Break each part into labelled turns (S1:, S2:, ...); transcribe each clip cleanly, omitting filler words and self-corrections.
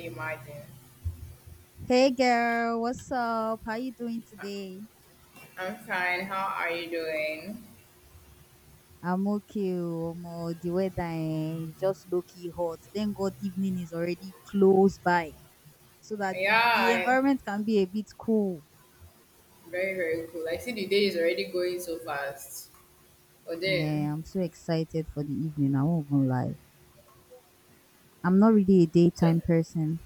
S1: Hey, Martin.
S2: Hey girl, what's up? How you doing today?
S1: I'm fine. How are you doing?
S2: I'm okay. Oh, Omo, the weather eh, is just low-key hot. Thank God evening is already close by so that the,
S1: Yeah,
S2: the
S1: I,
S2: environment can be a bit cool.
S1: very, very cool. I see the day is already going so fast. But then,
S2: Yeah, I'm so excited for the evening. I won't even lie. I'm not really a
S1: so,
S2: daytime person.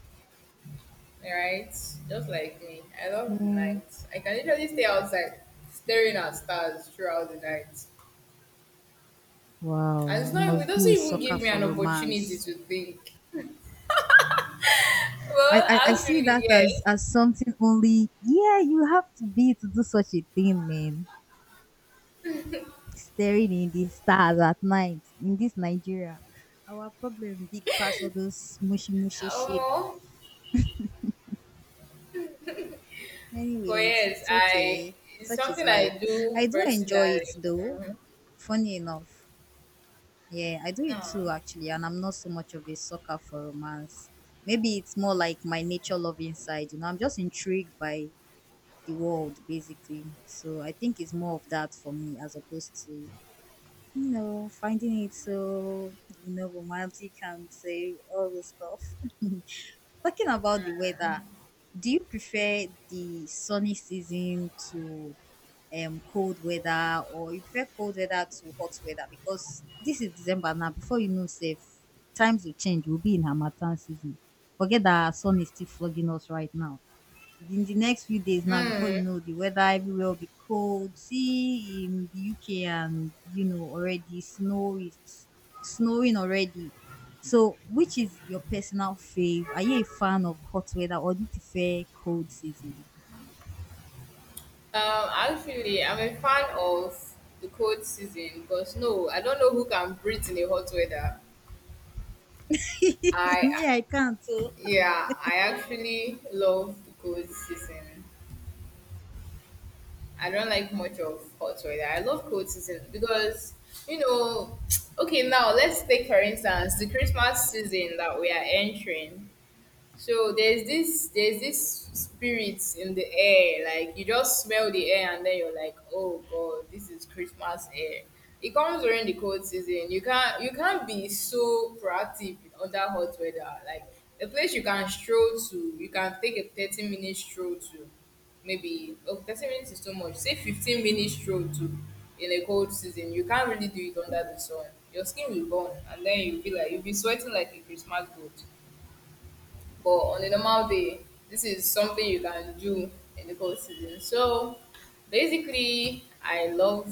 S1: right? Just like me, I love the night.
S2: Yeah.
S1: I can literally stay outside staring at stars throughout the night.
S2: Wow,
S1: And it's
S2: you
S1: not, it
S2: must
S1: doesn't
S2: be a
S1: even give
S2: sucker
S1: me an
S2: for
S1: opportunity
S2: romance.
S1: to think.
S2: I,
S1: Well,
S2: I, I see
S1: actually,
S2: that
S1: yes.
S2: as something only yeah you have to be to do such a thing man staring in the stars at night in this Nigeria. Our problem big past all those mushy mushy shit.
S1: Um, but
S2: Anyways,
S1: yes,
S2: it's
S1: I,
S2: okay.
S1: it's
S2: Such is
S1: something
S2: life.
S1: I do
S2: I do enjoy it
S1: personally.
S2: though.
S1: Mm-hmm.
S2: Funny enough. Yeah, I do it too actually, and I'm not so much of a sucker for romance. Maybe it's more like my nature love inside, you know. I'm just intrigued by the world basically. So I think it's more of that for me as opposed to finding it so, romantic and say all the stuff. Talking about the weather, do you prefer the sunny season to cold weather, or you prefer cold weather to hot weather? Because this is December now, before you know safe, times will change. We'll be in Hamatan season. Forget that sun is still flogging us right now. In the next few days, now
S1: Mm.
S2: before you
S1: Hmm.
S2: know, the weather everywhere will be cold. See in the uk, and you know already snow is snowing already. So which is your personal fave? Are you a fan of hot weather, or do you prefer cold season?
S1: Actually, I'm a fan of the cold season because no, I don't know who can breathe in the hot weather. I,
S2: Me I can't, so
S1: yeah, I actually love the cold season. I don't like much of hot weather. I love cold season because, you know, okay, now let's take for instance the Christmas season that we are entering. So there's this spirit in the air, like you just smell the air and then you're like, oh god, this is Christmas air. It comes during the cold season. You can't be so proactive under hot weather. Like a place you can stroll to, you can take a 30-minute stroll to maybe oh 30 minutes is too much. Say 15 minutes stroll to in a cold season. You can't really do it under the sun. Your skin will burn and then you'll be sweating like a Christmas goat. But on a normal day, this is something you can do in the cold season. So basically,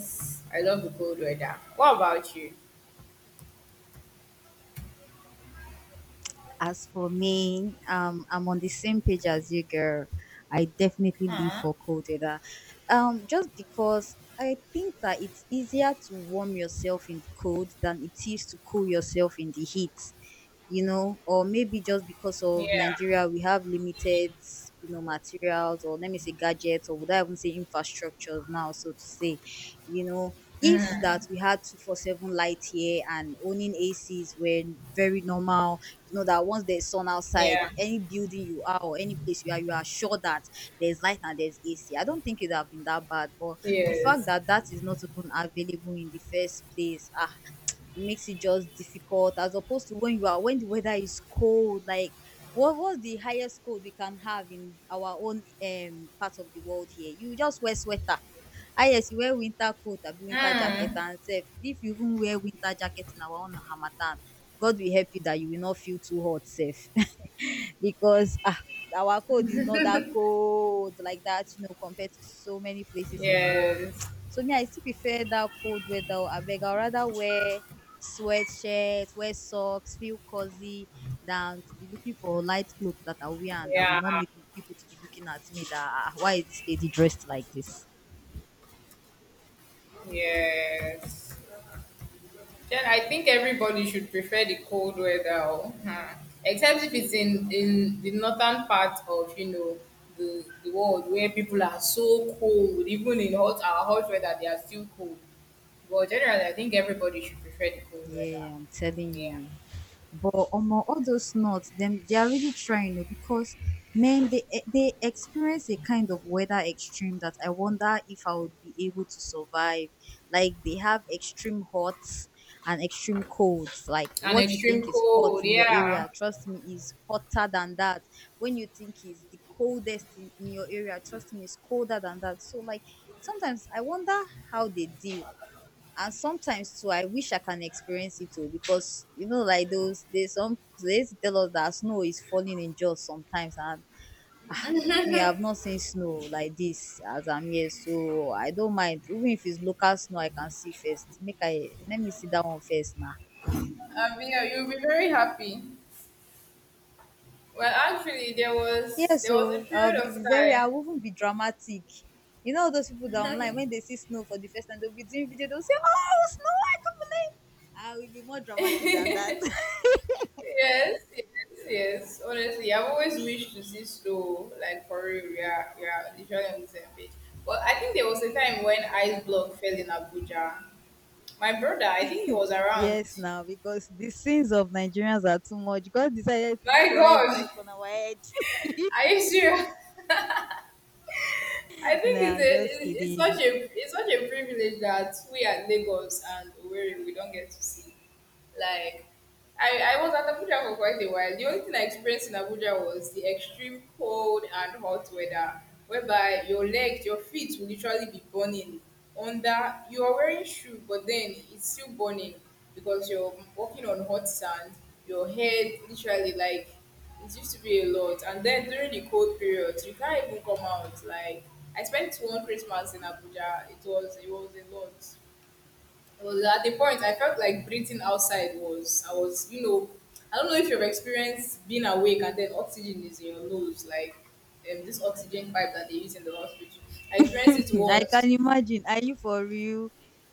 S1: I love the cold weather. What about you?
S2: as for me, I'm on the same page as you, girl. I definitely live for cold weather. Just because I think that it's easier to warm yourself in the cold than it is to cool yourself in the heat. You know, or maybe just because of
S1: Yeah,
S2: Nigeria, we have limited, you know, materials, or let me say gadgets, or would I even say infrastructures now, so to say, you know, if that we had 247 light here and owning ACs were very normal. You know that once there's sun outside,
S1: yeah,
S2: any building you are or any place you are sure that there's light and there's AC. I don't think it would have been that bad, but the fact
S1: yes,
S2: that that is not even available in the first place, ah, it makes it just difficult as opposed to when you are when the weather is cold, like. What was the highest cold we can have in our own part of the world here? You just wear sweater, ah yes, you wear winter coat abi winter jacket,
S1: mm,
S2: and sef if you even wear winter jacket in our own harmattan, God will help you that you will not feel too hot sef because ah our cold is not that cold like that, you know, compared to so many places in the world.
S1: yes,
S2: So me I still prefer that cold weather oh, abeg I rather wear sweatshirt, wear socks, feel cozy, than to be looking for light clothes that I wear and that will
S1: yeah,
S2: not make people to be looking at me that ah, why is this lady dressed like this?
S1: yes. Then I think everybody should prefer the cold weather, oh, huh. Except if it's in the northern part of, you know, the world where people are so cold. Even in hot our hot weather, they are still cold. But generally, I think everybody should prefer the cold weather.
S2: Yeah, I'm telling
S1: Yeah,
S2: you. But among all those nuts, them they are really trying oh, because man, they experience a kind of weather extreme that I wonder if I would be able to survive. Like they have extreme hot and extreme colds. Like
S1: an
S2: what you
S1: extreme
S2: think is hot
S1: cold.
S2: in your
S1: Yeah,
S2: area, trust me, is hotter than that. When you think is the coldest in your area, trust me, it's colder than that. So like sometimes I wonder how they deal, and sometimes too I wish I can experience it too, because you know like those there's some, they used to tell us that snow is falling in jaws sometimes, and me I've not seen snow like this as I'm here, so I don't mind even if it's local snow, I can see first, make I let me see that one first now.
S1: yeah, you'll be very happy. Well, actually,
S2: Yeah,
S1: there was a
S2: so I'll
S1: period
S2: be
S1: of
S2: very, I
S1: time.
S2: won't be dramatic. You know those people that online when they see snow for the first time they'll be doing video, they'll say oh snow, I will be more dramatic than that.
S1: Yes, yes, yes. Honestly, I've always wished to see snow. Like for real, we are literally on the same page. But I think there was a time when ice block fell in Abuja. My brother, I think he was around.
S2: Yes, now because the sins of Nigerians are too much, God decided to
S1: My
S2: try his
S1: God,
S2: luck on our head.
S1: are you serious? I think
S2: No,
S1: it's
S2: I'm just
S1: a
S2: kidding.
S1: it's such a privilege that we at Lagos and Owerri we don't get to see. Like I was at Abuja for quite a while. The only thing I experienced in Abuja was the extreme cold and hot weather, whereby your legs, your feet will literally be burning. Under you are wearing shoe, but then it's still burning because you're walking on hot sand. Your head literally like it used to be a lot. And then during the cold periods, you can't even come out. Like I spent one Christmas in Abuja. It was a lot. Was at the point I felt like breathing outside was, I was, you know, I don't know if you've experienced being awake and then oxygen is in your nose like this oxygen pipe that they use in the hospital. I experienced it
S2: I
S1: once.
S2: can imagine. Are you for real?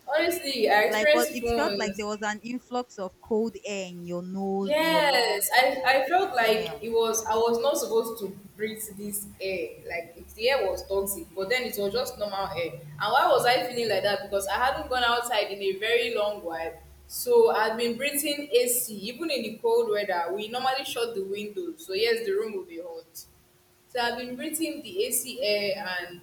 S1: Honestly, I
S2: Like what?
S1: experienced it
S2: It felt like
S1: once.
S2: there was an influx of cold air in your nose, in your
S1: Yes,
S2: lungs, or what?
S1: I felt like
S2: Damn.
S1: it was I was not supposed to breathe this air. Like if the air was toxic, but then it was just normal air. And why was I feeling like that? Because I hadn't gone outside in a very long while. So I'd been breathing AC. Even in the cold weather, we normally shut the windows. So yes, the room will be hot. So I've been breathing the AC air,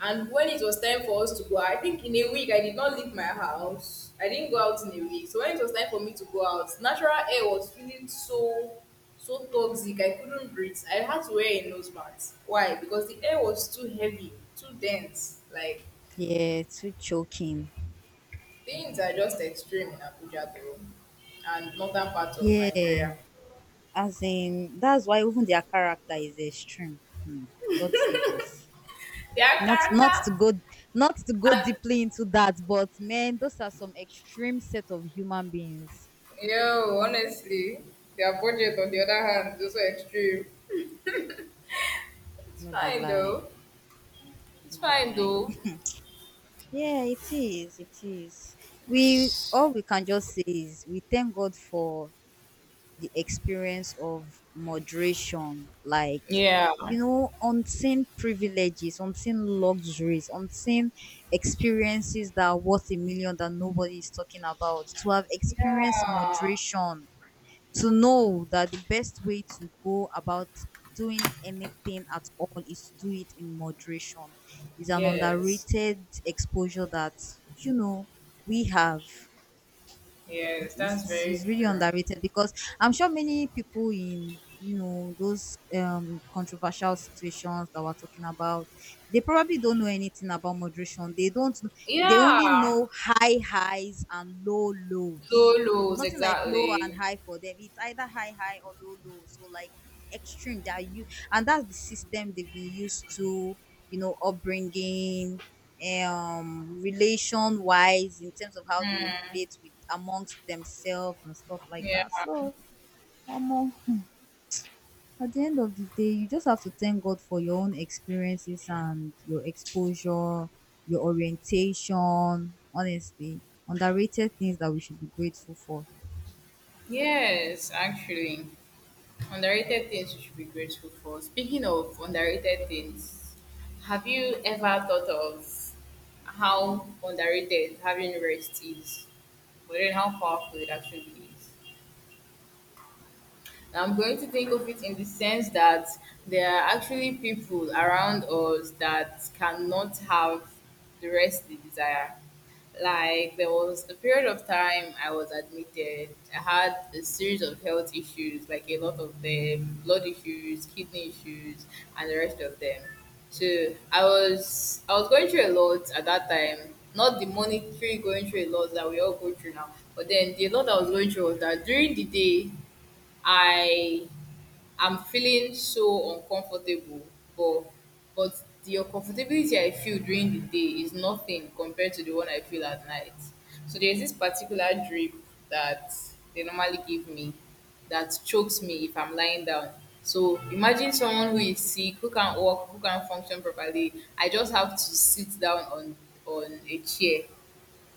S1: and when it was time for us to go, I think in a week I did not leave my house. I didn't go out in a week. So when it was time for me to go out, natural air was feeling so toxic. I couldn't breathe. I had to wear a nose mask. Why? Because the air was too heavy, too dense. Like
S2: Yeah, too choking.
S1: things are just extreme in Abuja though. And northern part of
S2: Yeah,
S1: Nigeria.
S2: as in that's why even their character is extreme. Hmm. God save us.
S1: Their
S2: not not to
S1: character
S2: go not to go
S1: and
S2: deeply into that, but man those are some extreme set of human beings.
S1: yo, honestly, their budget on the other hand is also extreme. It's
S2: No be
S1: fine though.
S2: lying,
S1: It's
S2: no be
S1: fine
S2: lying.
S1: though.
S2: Yeah it is, it is. We all we can just say is we thank god for the experience of moderation, like,
S1: Yeah.
S2: you know, unseen privileges, unseen luxuries, unseen experiences that are worth a million that nobody is talking about, to have experienced
S1: Yeah.
S2: moderation, to know that the best way to go about doing anything at all is to do it in moderation, is an
S1: Yes.
S2: underrated exposure that, you know, we have.
S1: Yes,
S2: It's
S1: that's
S2: is
S1: very
S2: is really
S1: true.
S2: underrated because I'm sure many people in, you know, those controversial situations that we're talking about, they probably don't know anything about moderation, they don't kn- they only
S1: Yeah.
S2: know high highs and low
S1: Low
S2: lows.
S1: lows,
S2: Nothing like low and
S1: exactly.
S2: high for them, it's either high high or low low, so like extreme. They are you, and that's the system they've been used to, you know, upbringing, relation wise in terms of how they relate with amongst themselves and stuff like
S1: Yeah.
S2: that, so um, at the end of the day you just have to thank god for your own experiences and your exposure, your orientation, honestly, underrated things that we should be grateful for.
S1: Yes, actually. Underrated things you should be grateful for. Speaking of underrated things, have you ever thought of how underrated having rest is? But then how powerful it actually is? I'm going to think of it in the sense that there are actually people around us that cannot have the rest they desire. Like there was a period of time I was admitted. I had a series of health issues, like a lot of them, blood issues, kidney issues, and the rest of them. So I was going through a lot at that time. Not the monetary going through a lot that we all go through now, but then the lot I was going through was that during the day I I'm feeling so uncomfortable, but but the uncomfortability I feel during the day is nothing compared to the one I feel at night. So there's this particular drip that they normally give me that chokes me if I'm lying down. So imagine someone who is sick, who can't walk, who can't function properly. I just have to sit down on a chair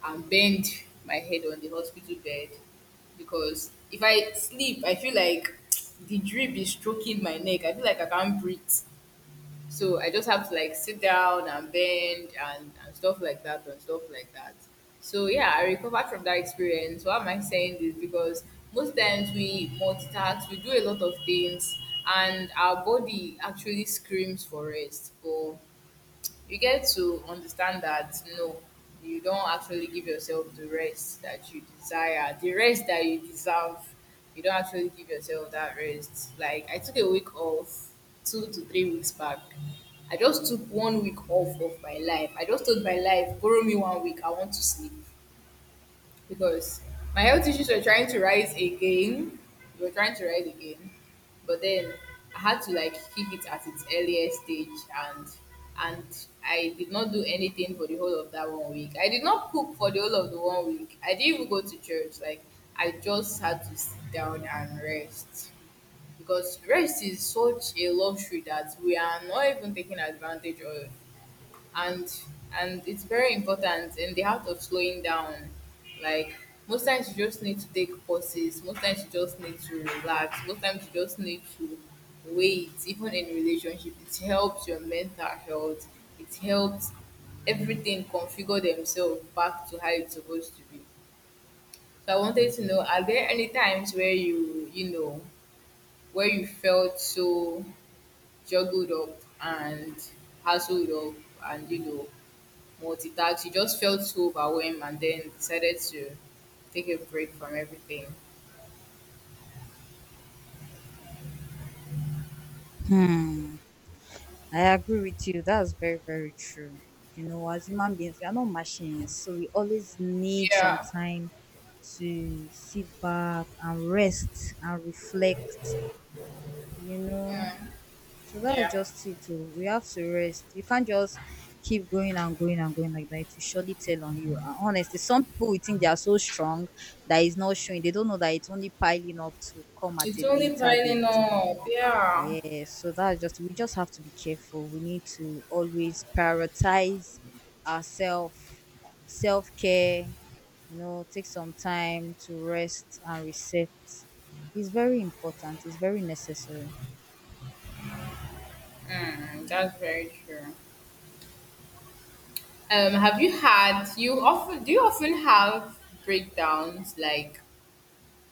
S1: and bend my head on the hospital bed because if I sleep, I feel like the drip is stroking my neck. I feel like I can't breathe. So I just have to like sit down and bend and stuff like that and stuff like that. So yeah, I recovered from that experience. Why am I saying this? Because most times we multitask, we do a lot of things, and our body actually screams for rest. But you get to understand that no, you don't actually give yourself the rest that you desire, the rest that you deserve. You don't actually give yourself that rest. Like I took a week off 2 to 3 weeks back. I just took 1 week off of my life. I just told my life, borrow me 1 week. I want to sleep because my health issues were trying to rise again. They were trying to rise again, but then I had to like keep it at its earliest stage, and I did not do anything for the whole of that 1 week. I did not cook for the whole of the 1 week. I didn't even go to church. Like I just had to sit down and rest because rest is such a luxury that we are not even taking advantage of, and and it's very important in the art of slowing down. Like most times you just need to take pauses, most times you just need to relax, most times you just need to wait. Even in relationship it helps your mental health, it helps everything configure themselves back to how it's supposed to be. So I wanted to know, are there any times where you know, where you felt so juggled up and hassled up and, you know, multitask. She just felt so overwhelmed and then decided to take a break from everything.
S2: Hmm, I agree with you. That's very, very true. You know, as human beings, we are not machines, so we always need some
S1: Yeah.
S2: time to sit back and rest and reflect, you know.
S1: Mm,
S2: So that's
S1: yeah.
S2: just it too. We have to rest. You can't just keep going and going and going like that. It will surely tell on you. And honestly, some people will think they are so strong that it's not showing. They don't know that it's only piling up to come at
S1: It's
S2: a
S1: only
S2: later
S1: piling
S2: date.
S1: up. Yeah.
S2: Yes, so that's just, we just have to be careful. We need to always prioritize ourselves, self-care, you know, take some time to rest and reset. It's very important. It's very necessary.
S1: Mm, that's very true. Have you had you often, do you often have breakdowns like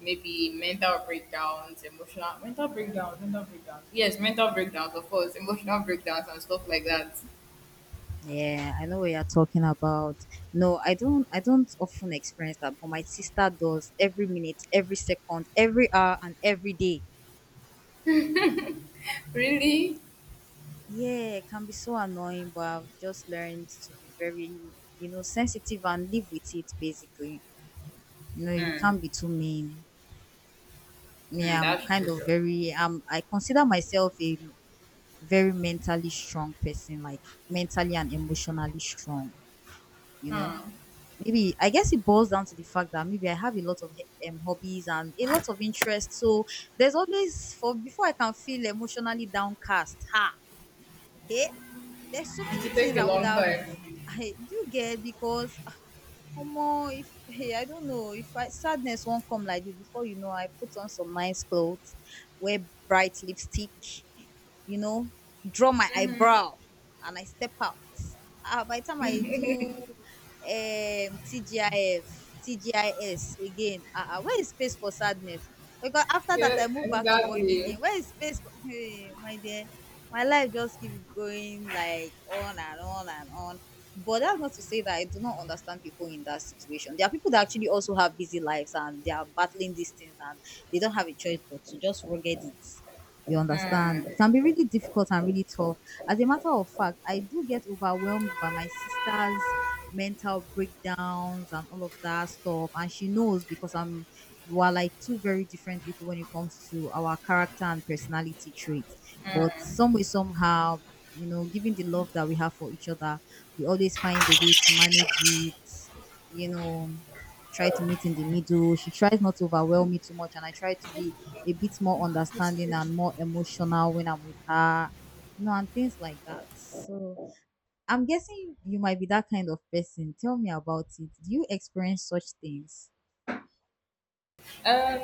S1: maybe mental breakdowns, emotional Mental breakdowns, yes, mental breakdowns of course, emotional breakdowns and stuff like that.
S2: Yeah, I know what you're talking about. No, I don't often experience that, but my sister does every minute, every second, every hour and every day.
S1: Really?
S2: Yeah, it can be so annoying, but I've just learned to be very, you know, sensitive and live with it basically. You know, you
S1: Mm,
S2: can't be too mean. Me,
S1: mm,
S2: I'm
S1: that's
S2: kind of
S1: true.
S2: very I consider myself a very mentally strong person, like mentally and emotionally strong, you know.
S1: Hmm.
S2: Maybe I guess it boils down to the fact that maybe I have a lot of hobbies and a lot of interests. So there's always for before I can feel emotionally downcast. Ha. Hey, there's so
S1: It
S2: many
S1: will take
S2: things
S1: a
S2: I would
S1: long
S2: have
S1: time.
S2: I do get because omo if hey I don't know if I sadness not come like this before, you know I put on some nice clothes, wear bright lipstick, you know, draw my
S1: Mm-hmm.
S2: eyebrow, and I step out. Ah, by the time I do TGIF, TGIS again, ah ah, where is space for sadness? Because after that
S1: Yeah,
S2: I move back to work
S1: exactly.
S2: again, where is space for hey my dear, my life just keep going like on and on and on. But that's not to say that I do not understand people in that situation. There are people that actually also have busy lives and they are battling these things and they don't have a choice but to just rugged it. You
S1: Mm.
S2: understand? It can be really difficult and really tough. As a matter of fact, I do get overwhelmed by my sister's mental breakdowns and all of that stuff. And she knows because I'm we're like two very different people when it comes to our character and personality traits. But some way, somehow, you know, given the love that we have for each other, we always find a way to manage it, you know, try to meet in the middle. She tries not to overwhelm me too much, and I try to be a bit more understanding and more emotional when I'm with her, you know, and things like that. So I'm guessing you might be that kind of person. Tell me about it. Do you experience such things?
S1: Um,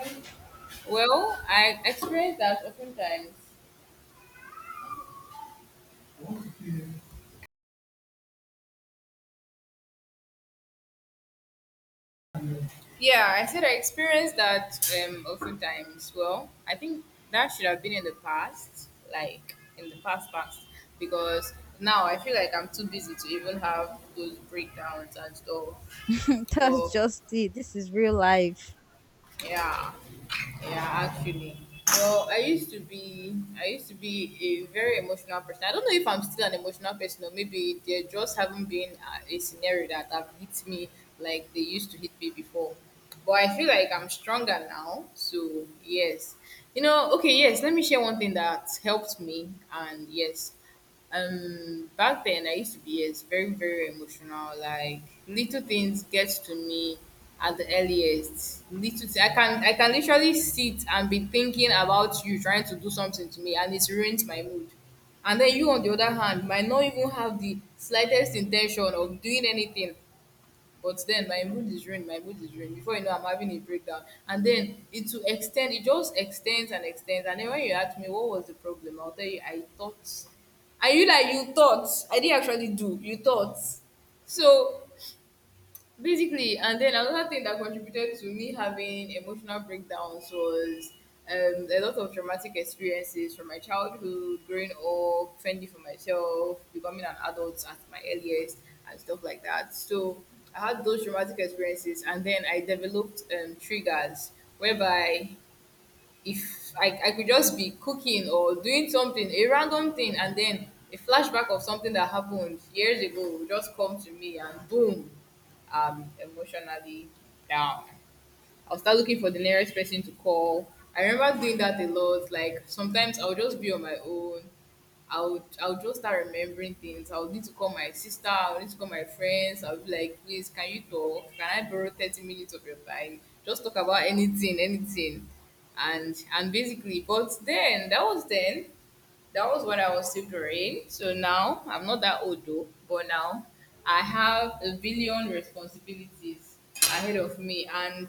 S1: well, I experience that oftentimes. Yeah, I said I experienced that oftentimes. Well, I think that should have been in the past, like in the past past, because now I feel like I'm too busy to even have those breakdowns and stuff. But
S2: That's just it. This is real life.
S1: yeah, yeah, actually. Well, I used to be a very emotional person. I don't know if I'm still an emotional person or maybe there just haven't been a scenario that have hit me like they used to hit me before. But I feel like I'm stronger now. So yes. You know, okay, yes, let me share one thing that helped me and yes. Back then I used to be, yes, very very emotional. Like little things get to me at the earliest. I can literally sit and be thinking about you trying to do something to me, and it's ruined my mood. And then you on the other hand might not even have the slightest intention of doing anything, but then my mood is ruined. Before you know, I'm having a breakdown. And then it will extend, it just extends and extends. And then when you ask me, what was the problem? I'll tell you, I thought. Are you like, you thought? I didn't actually do. You thought. So basically and then another thing that contributed to me having emotional breakdowns was a lot of traumatic experiences from my childhood growing up fending for myself becoming an adult at my earliest and stuff like that. So I had those traumatic experiences and then I developed triggers whereby if I could just be cooking or doing something, a random thing, and then a flashback of something that happened years ago will just come to me and boom, I'm emotionally down. I'll start looking for the nearest person to call. I remember doing that a lot. Like sometimes I'll just be on my own. I'll just start remembering things. I'll need to call my sister. I'll need to call my friends. I'll be like, please, can you talk? Can I borrow 30 minutes of your time? Just talk about anything, anything, and basically. But then that was then, that was when I was still growing. So now I'm not that old though, but now I have a billion responsibilities ahead of me and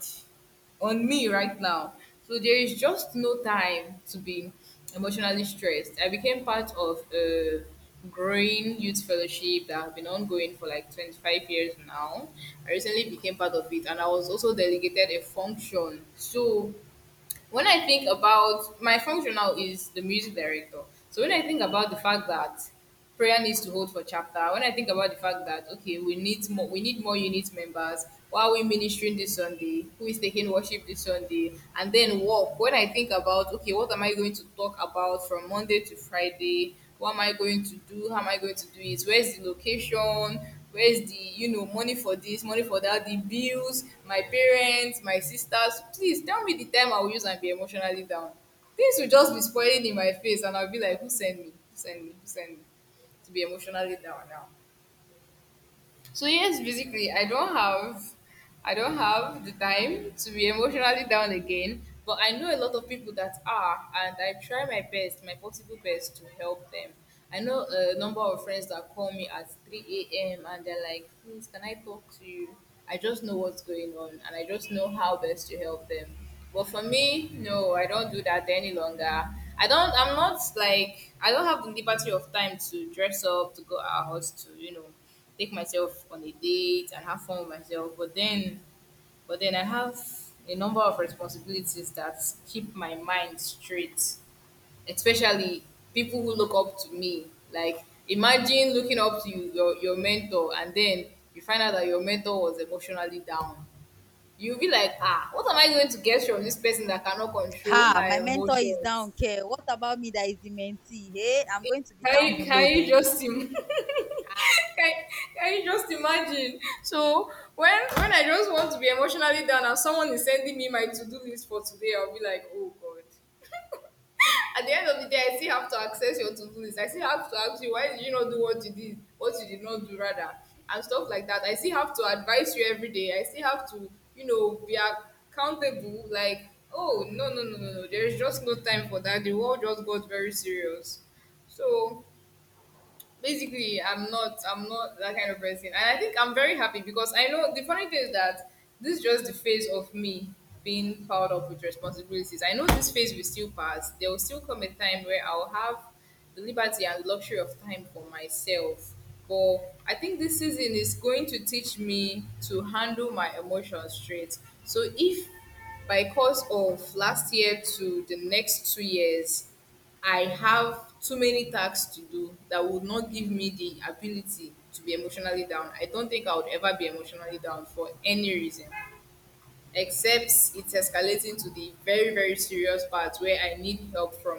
S1: on me right now. So there is just no time to be emotionally stressed. I became part of a growing youth fellowship that has been ongoing for like 25 years now. I recently became part of it and I was also delegated a function. So when I think about my function, now is the music director. So when I think about the fact that prayer needs to hold for chapter, when I think about the fact that, okay, we need more unit members, why are we ministering this Sunday? Who is taking worship this Sunday? And then walk. When I think about, okay, what am I going to talk about from Monday to Friday? What am I going to do? How am I going to do it? Where's the location? Where's the, you know, money for this, money for that, the bills, my parents, my sisters, please tell me the time I will use and be emotionally down. Things will just be spoiling in my face and I'll be like, who sent me, who send me, who send me to be emotionally down now? So yes, basically, I don't have the time to be emotionally down again. But I know a lot of people that are, and I try my best, my possible best to help them. I know a number of friends that call me at 3 a.m. and they're like, "Please, can I talk to you?" I just know what's going on, and I just know how best to help them. But for me, no, I don't do that any longer. I don't. I'm not like, I don't have the liberty of time to dress up, to go out, to take myself on a date and have fun with myself. But then, I have a number of responsibilities that keep my mind straight, especially people who look up to me. Like, imagine looking up to your mentor and then you find out that your mentor was emotionally down. You'll be like, ah, what am I going to get from this person that cannot control
S2: Ha, my
S1: her
S2: mentor is
S1: emotions?
S2: down, care. What about me that is the mentee? Hey, I'm going to be down below
S1: Can you
S2: then.
S1: just im-
S2: Ha.
S1: can, can you just imagine? So when I just want to be emotionally down and someone is sending me my to do list for today, I'll be like, oh god. At the end of the day, I still have to access your to do list. I still have to ask you, why did you not do what you did not do rather, and stuff like that. I still have to advise you every day. I still have to, be accountable. Like, oh no no no no no, there is just no time for that. The world just got very serious. So basically, I'm not that kind of person and I think I'm very happy because I know, the funny thing is that this is just the phase of me being powered up with responsibilities. I know this phase will still pass. There will still come a time where I'll have the liberty and luxury of time for myself, but I think this season is going to teach me to handle my emotions straight. So if, by course of last year to the next 2 years, I have too many tasks to do that would not give me the ability to be emotionally down, I don't think I would ever be emotionally down for any reason, except it's escalating to the very very serious part where I need help from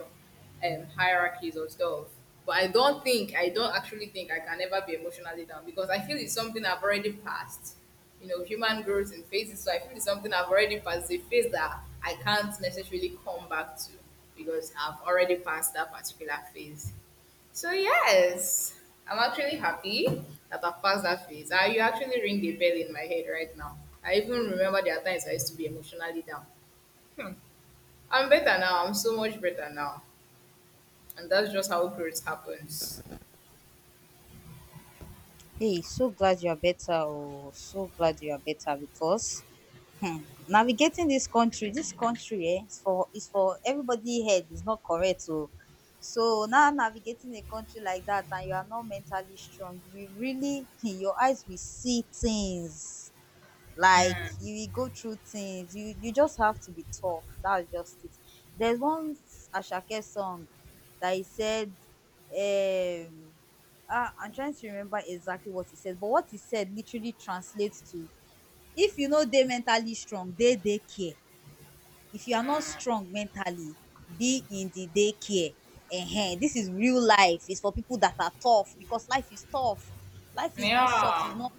S1: hierarchies or stuff. But I don't think, I don't actually think I can ever be emotionally down because I feel it's something I've already passed. You know, human growth in phases, so I feel it's something I've already passed, the phase that I can't necessarily come back to because I've already passed that particular phase. So yes, I'm actually happy that I've passed that phase. You actually ring a bell in my head right now. I even remember there are times I used to be emotionally down. I'm better now. I'm so much better now, and that's just how growth happens.
S2: Hey, so glad you are better. Oh, so glad you are better because hmm, navigating this country, eh, is for everybody head is not correct. So so now navigating a country like that and you are not mentally strong, you will really your eyes will see things like you will go through things you just have to be tough, that's just it. There's one ashake song that he said um ah, I'm trying to remember exactly what he said, but what he said literally translates to if you know they mentally strong they care. If you are not strong mentally, be in the daycare. Ehen, this is real life. It's for people that are tough because life is tough. Life is not soft. It's
S1: Yeah,
S2: not.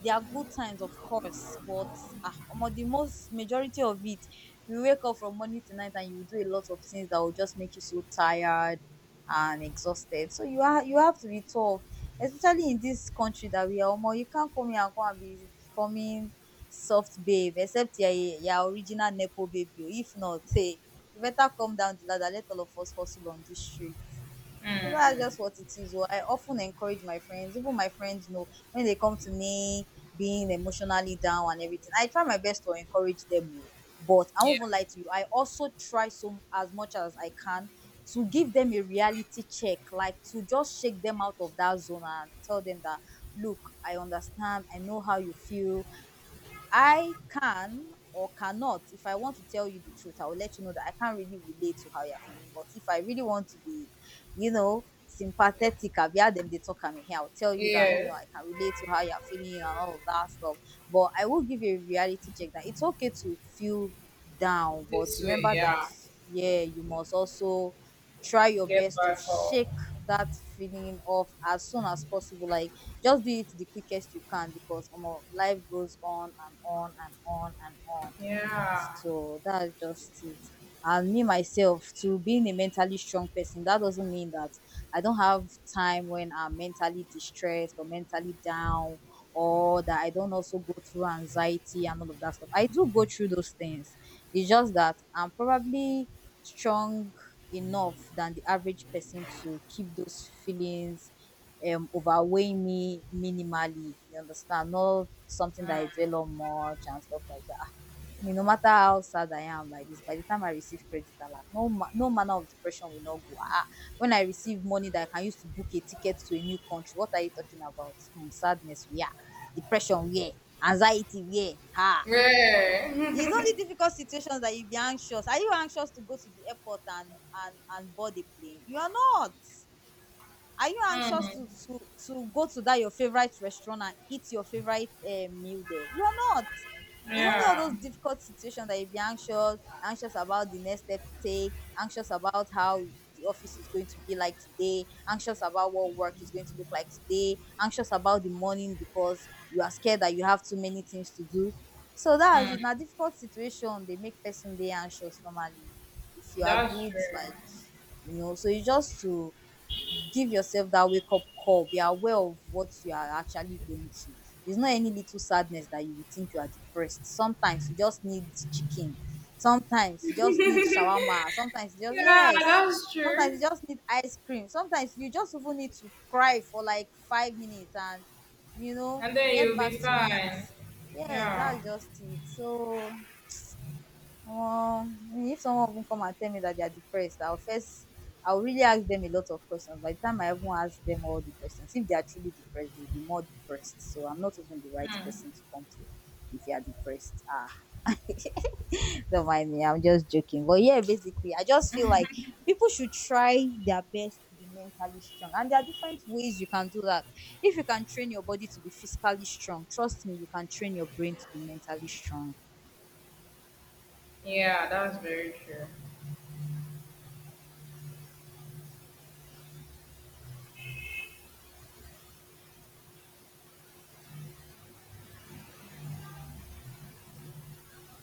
S2: There are good times, of course, but ah, omo, the most majority of it, you wake up from morning to night and you do a lot of things that will just make you so tired and exhausted. So you have to be tough, especially in this country that we are. Omo, you can't come here and come and be forming soft babe, except you are original nepo baby oo. If not, hey, you better come down the ladder, let all of us hustle on this street. So that's just what it is oo. I often encourage my friends, even my friends know when they come to me being emotionally down and everything, I try my best to encourage them. Oh, but I
S1: yeah,
S2: won't even lie to you, I also try so as much as I can to give them a reality check, like to just shake them out of that zone and tell them that look, I understand, I know how you feel. I can or cannot, if I want to tell you the truth, I will let you know that I can't really relate to how you're feeling. But if I really want to be, you know, sympathetic, I've heard them, they talk at me here. I'll tell you that, you
S1: yeah.
S2: know, I can relate to how you're feeling and all of that stuff. But I will give you a reality check that it's okay to feel down. But
S1: This way,
S2: remember that,
S1: yeah.
S2: yeah, you must also try your
S1: Get
S2: best to
S1: back home.
S2: shake that feeling off as soon as possible. Like, just do it the quickest you can, because life goes on and on and on and on.
S1: Yeah,
S2: So that's just it. And me myself, to being a mentally strong person, that doesn't mean that I don't have time when I'm mentally distressed or mentally down, or that I don't also go through anxiety and all of that stuff. I do go through those things. It's just that I'm probably strong enough than the average person to keep those feelings overweighing me minimally. You understand? Not something that I dwell on much and stuff like that. Me, no matter how sad I am like this, by the time I receive credit alert, no no manner of depression will not go. Ah, when I receive money that I can use to book a ticket to a new country, what are you talking about? Hmm, sadness where? Depression where? Anxiety where? Ha, it's only
S1: yeah.
S2: difficult situations that you be anxious. Are you anxious to go to the airport and and board a plane? You are not. Are you anxious
S1: Hmm.
S2: to to go to that your favorite restaurant and eat your favorite meal there? You are not. It's only all
S1: Yeah.
S2: those difficult situations that you be anxious, anxious about the next step to take, anxious about how the office is going to be like today, anxious about what work is going to look like today, anxious about the morning because you are scared that you have too many things to do. So that's in a difficult situation, they make person dey anxious normally. If you are
S1: That's
S2: good, like you know, so you just to give yourself that wake up call. Be aware of what you are actually going through. It's not any little sadness that you would think you are depressed. Sometimes you just need chicken. Sometimes you just need
S1: true.
S2: shawarma. Sometimes you just
S1: Yeah,
S2: yes.
S1: that's true.
S2: Sometimes you just need ice cream. Sometimes you just even need to cry for like 5 minutes and you know
S1: And then
S2: get
S1: you'll
S2: back
S1: be
S2: to it.
S1: fine.
S2: Yes,
S1: Yeah,
S2: that's just it. So if someone even come and tell me that they are depressed, I'll first, I'll really ask them a lot of questions. By the time I even ask them all the questions, if they are truly depressed, they'll be more depressed. So I'm not even the right person to come to if you are depressed. Ah, don't mind me, I'm just joking. But yeah, basically, I just feel like people should try their best to be mentally strong. And there are different ways you can do that. If you can train your body to be physically strong, trust me, you can train your brain to be mentally strong.
S1: yeah, that's very true.